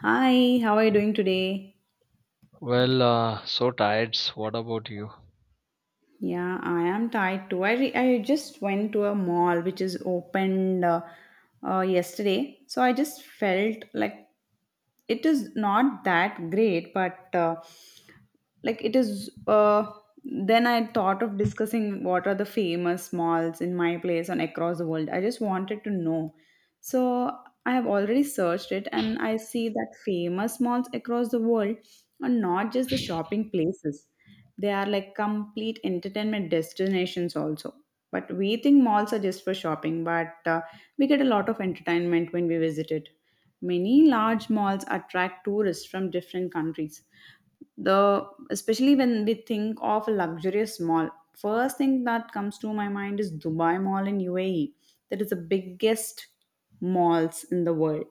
Hi, how are you doing today? So tired. What about you? Yeah, I am tired too. I just went to a mall which is opened yesterday. So I just felt like it is not that great, but like it is. Then I thought of discussing what are the famous malls in my place and across the world. I just wanted to know. So I have already searched it and I see that famous malls across the world are not just the shopping places, they are like complete entertainment destinations also. But we think malls are just for shopping, but we get a lot of entertainment when we visit it. Many large malls attract tourists from different countries, the especially when we think of a luxurious mall, first thing that comes to my mind is Dubai Mall in UAE, that is the biggest malls in the world.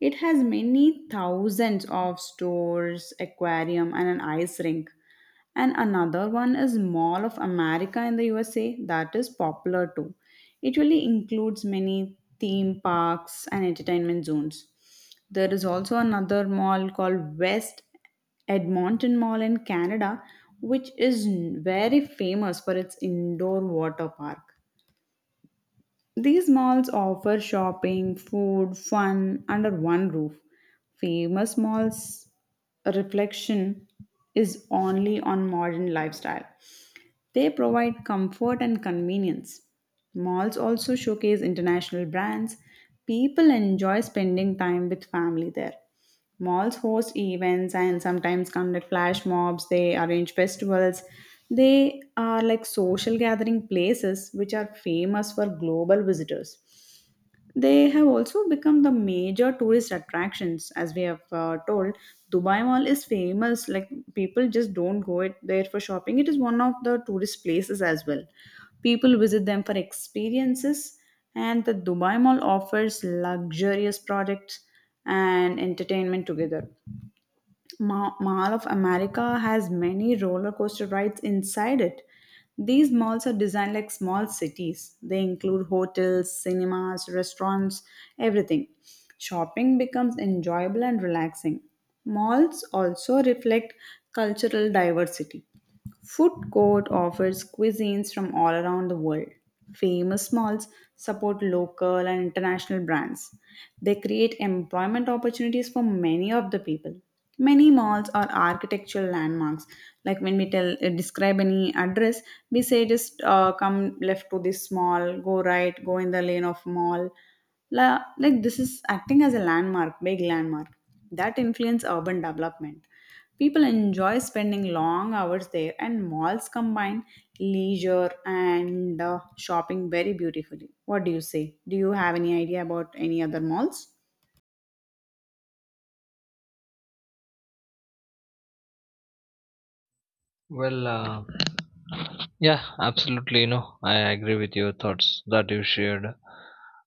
It has many thousands of stores, aquarium, and an ice rink. And another one is Mall of America in the USA that is popular too. It really includes many theme parks and entertainment zones. There is also another mall called West Edmonton Mall in Canada, which is very famous for its indoor water park. These malls offer shopping, food, fun under one roof. Famous malls' reflection is only on modern lifestyle. They provide comfort and convenience. Malls also showcase international brands. People enjoy spending time with family there. Malls host events and sometimes conduct flash mobs, they arrange festivals. They are like social gathering places which are famous for global visitors. They have also become the major tourist attractions, as we have told. Dubai Mall is famous; like people just don't go it there for shopping. It is one of the tourist places as well. People visit them for experiences, and the Dubai Mall offers luxurious products and entertainment together. Mall of America has many roller coaster rides inside it. These malls are designed like small cities. They include hotels, cinemas, restaurants, everything. Shopping becomes enjoyable and relaxing. Malls also reflect cultural diversity. Food Court offers cuisines from all around the world. Famous malls support local and international brands. They create employment opportunities for many of the people. Many malls are architectural landmarks. Like when we tell describe any address, we say just come left to this mall, go right, go in the lane of mall. La, like this is acting as a landmark, big landmark that influence urban development. People enjoy spending long hours there, and malls combine leisure and shopping very beautifully. What do you say? Do you have any idea about any other malls? Well, uh, yeah, absolutely. You know, I agree with your thoughts that you shared,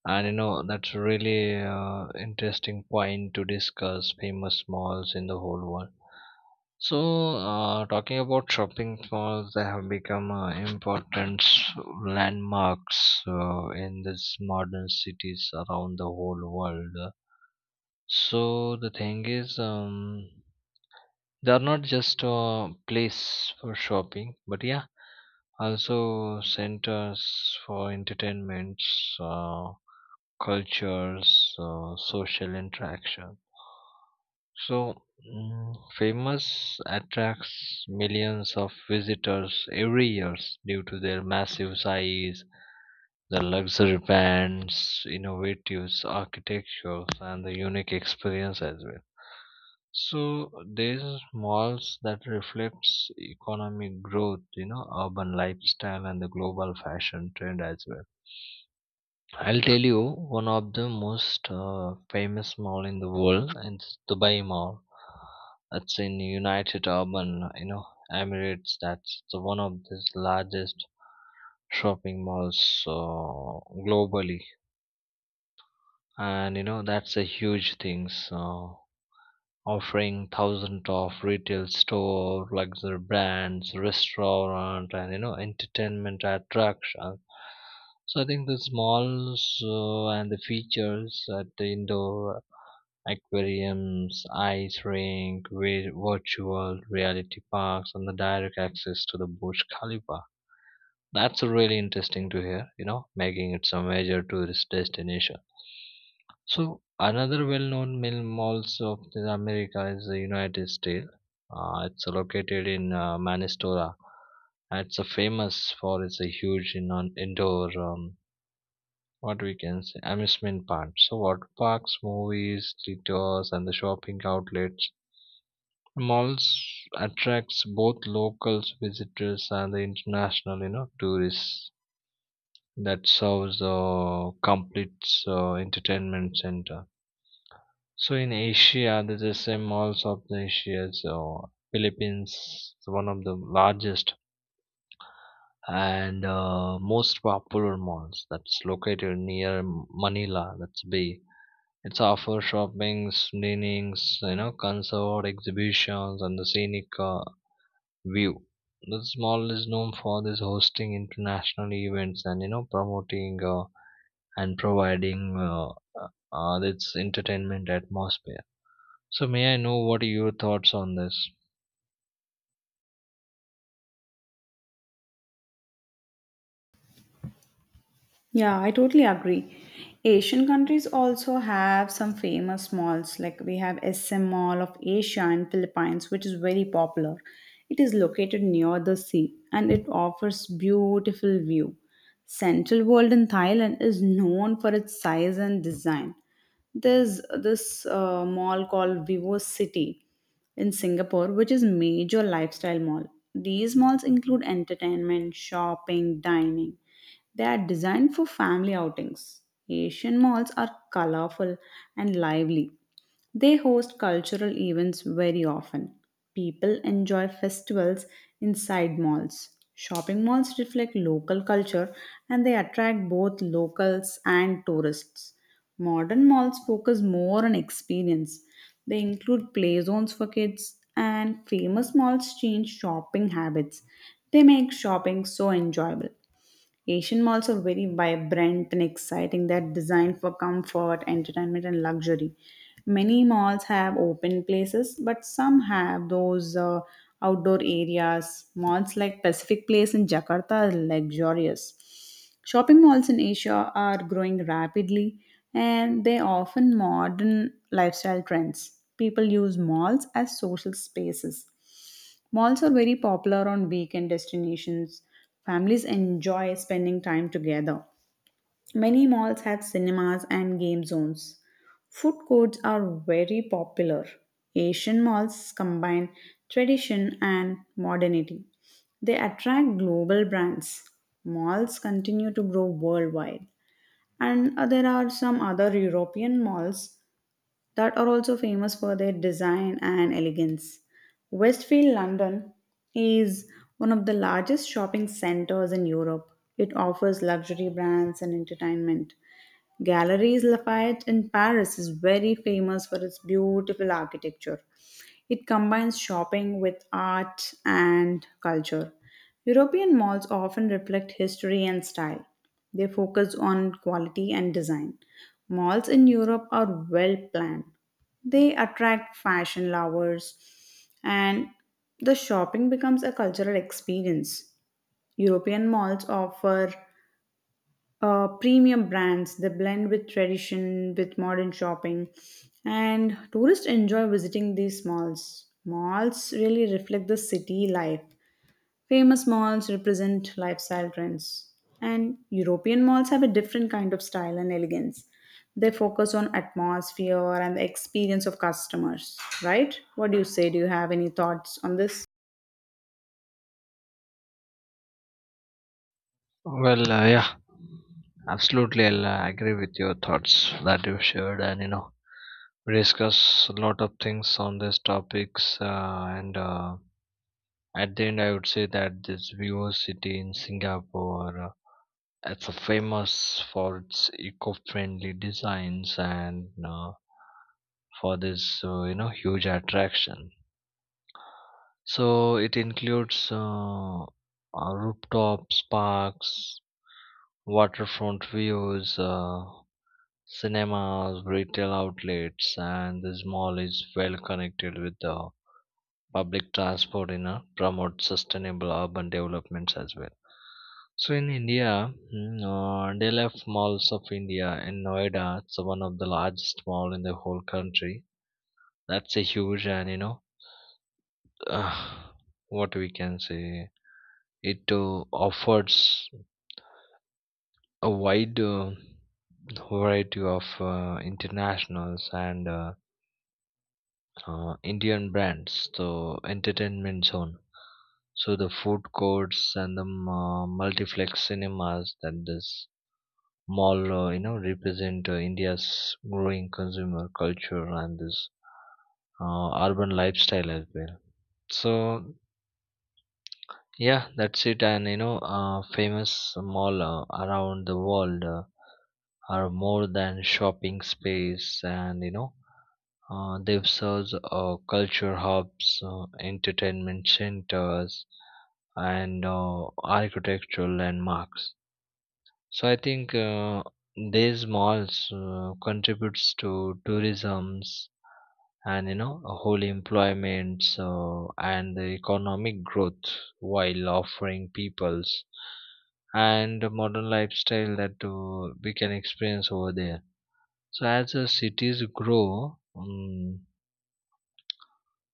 and you know that's really interesting point to discuss famous malls in the whole world. So, talking about shopping malls, they have become important landmarks in these modern cities around the whole world. So the thing is, they are not just a place for shopping but yeah also centers for entertainments, cultures, social interaction, so famous attracts millions of visitors every year due to their massive size, the luxury brand's innovative architectures and the unique experience as well. So these malls that reflects economic growth, you know, urban lifestyle and the global fashion trend as well. I'll tell you one of the most famous mall in the world and it's Dubai Mall. That's in United Urban, you know, Emirates. That's the one of the largest shopping malls globally, and you know that's a huge thing, so offering thousands of retail store luxury brands restaurant and you know entertainment attraction. So I think the smalls and the features at the indoor aquariums, ice rink, virtual reality parks and the direct access to the Burj Khalifa, that's really interesting to hear, you know, making it some major tourist destination. So another well-known mill malls of the America is the United States. It's located in Manistora. And it's a famous for its a huge in, on indoor what we can say amusement park. So water parks, movies, theaters, and the shopping outlets. Malls attracts both locals visitors and the international you know tourists. That serves a complete entertainment center. So in Asia, there's the same malls of the Asia. So Philippines is one of the largest and most popular malls that's located near Manila. That's B. It's offer shoppings, dinings, you know, concert exhibitions, and the scenic view. This mall is known for this hosting international events and you know promoting and providing its entertainment atmosphere. So may I know what are your thoughts on this? Yeah, I totally agree. Asian countries also have some famous malls, like we have SM Mall of Asia in Philippines, which is very popular. It is located near the sea and it offers beautiful view. Central World in Thailand is known for its size and design. There's this mall called Vivo City in Singapore, which is major lifestyle mall. These malls include entertainment, shopping, dining, they are designed for family outings. Asian malls are colorful and lively. They host cultural events very often. People enjoy festivals inside malls. Shopping malls reflect local culture and they attract both locals and tourists. Modern malls focus more on experience. They include play zones for kids, and famous malls change shopping habits. They make shopping so enjoyable. Asian malls are very vibrant and exciting. They're designed for comfort, entertainment, and luxury. Many malls have open places, but some have those outdoor areas. Malls like Pacific Place in Jakarta are luxurious. Shopping malls in Asia are growing rapidly and they offer modern lifestyle trends. People use malls as social spaces. Malls are very popular on weekend destinations. Families enjoy spending time together. Many malls have cinemas and game zones. Food courts are very popular. Asian malls combine tradition and modernity. They attract global brands. Malls continue to grow worldwide. And there are some other European malls that are also famous for their design and elegance. Westfield London is one of the largest shopping centers in Europe. It offers luxury brands and entertainment, Galleries Lafayette in Paris is very famous for its beautiful architecture. It combines shopping with art and culture. European malls often reflect history and style. They focus on quality and design. Malls in Europe are well planned. They attract fashion lovers and the shopping becomes a cultural experience. European malls offer premium brands. They blend with tradition, with modern shopping, and tourists enjoy visiting these malls. Malls really reflect the city life. Famous malls represent lifestyle trends, and European malls have a different kind of style and elegance. They focus on atmosphere and the experience of customers, right? What do you say? Do you have any thoughts on this? Yeah, absolutely. I'll agree with your thoughts that you shared, and you know, we discuss a lot of things on these topics. And At the end, I would say that this Vivo City in Singapore, it's a famous for its eco-friendly designs and for this, you know, huge attraction. So it includes rooftops, parks, waterfront views, cinemas, retail outlets, and the mall is well connected with the public transport in a promote sustainable urban developments as well. So in India, DLF Malls of India in Noida, it's one of the largest mall in the whole country. That's a huge, and you know, uh, what we can say. It offers a wide variety of internationals and Indian brands, the entertainment zone. So the food courts and the multiplex cinemas that this mall, you know, represent India's growing consumer culture and this urban lifestyle as well. So yeah, that's it. And you know, famous mall around the world are more than shopping space, and you know, they've served culture hubs, entertainment centers, and architectural landmarks. So I think these malls contributes to tourism's and you know a whole employment, so, and the economic growth while offering peoples and a modern lifestyle that we can experience over there. So as the cities grow,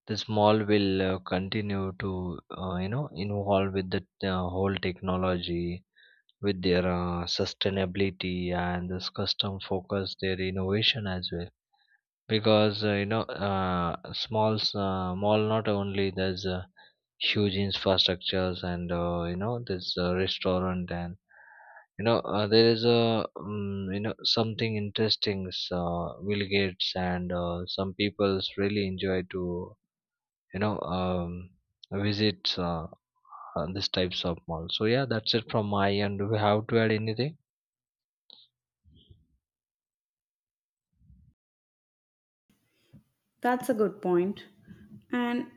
this mall will continue to, you know, involve with the whole technology with their sustainability and this custom focus their innovation as well, because you know, smalls mall not only there's huge infrastructures, and you know there's a restaurant, and you know there is a you know something interesting, Bill Gates and some people's really enjoy to, you know, visit these types of malls. So yeah, that's it from my end. Do we have to add anything? That's a good point. And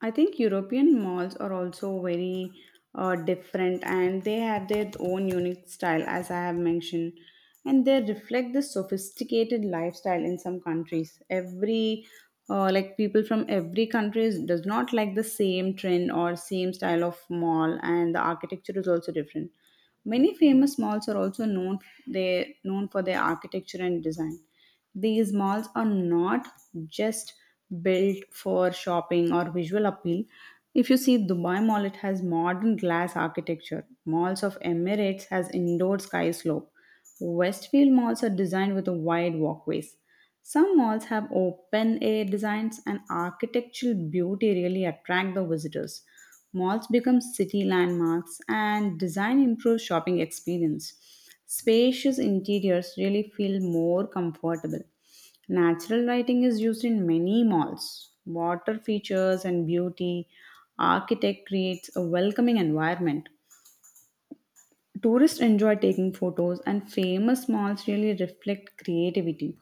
I think European malls are also very different and they have their own unique style, as I have mentioned. And they reflect the sophisticated lifestyle in some countries. Every like people from every country does not like the same trend or same style of mall, and the architecture is also different. Many famous malls are also known they known for their architecture and design. These malls are not just built for shopping or visual appeal. If you see Dubai Mall, it has modern glass architecture. Malls of Emirates has indoor sky slope. Westfield malls are designed with wide walkways. Some malls have open air designs and architectural beauty really attract the visitors. Malls become city landmarks and design improves shopping experience. Spacious interiors really feel more comfortable. Natural lighting is used in many malls. Water features and beauty architect creates a welcoming environment. Tourists enjoy taking photos, and famous malls really reflect creativity.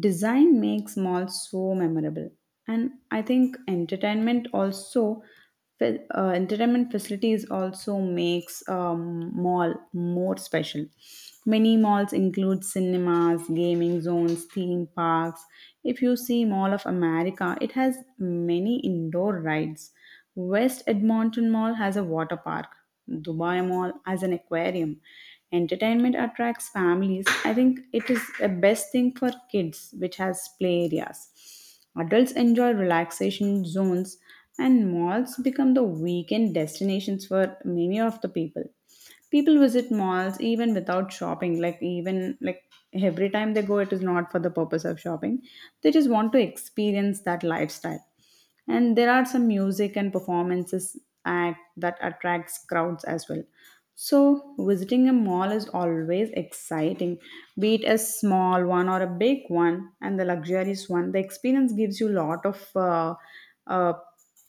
Design makes malls so memorable, and I think entertainment also, entertainment facilities also makes mall more special. Many malls include cinemas, gaming zones, theme parks. If you see Mall of America, it has many indoor rides. West Edmonton Mall has a water park, Dubai Mall has an aquarium. Entertainment attracts families. I think it is the best thing for kids, which has play areas. Adults enjoy relaxation zones, and malls become the weekend destinations for many of the people. People visit malls even without shopping, like, even like every time they go, it is not for the purpose of shopping. They just want to experience that lifestyle and there are some music and performances act that attracts crowds as well. So visiting a mall is always exciting, be it a small one or a big one and the luxurious one, the experience gives you a lot of uh,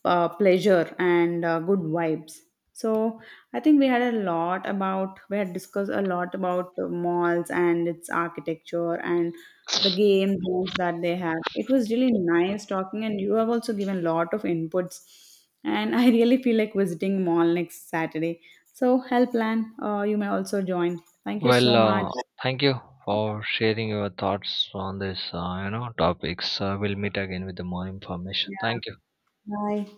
pleasure and good vibes. So I think we had a lot about we had discussed a lot about the malls and its architecture and the game zones that they have. It was really nice talking, and you have also given a lot of inputs. And I really feel like visiting mall next Saturday. So help plan. You may also join. Thank you Well, so much. uh, Thank you for sharing your thoughts on this, you know, topics. We'll meet again with the more information. Yeah. Thank you. Bye.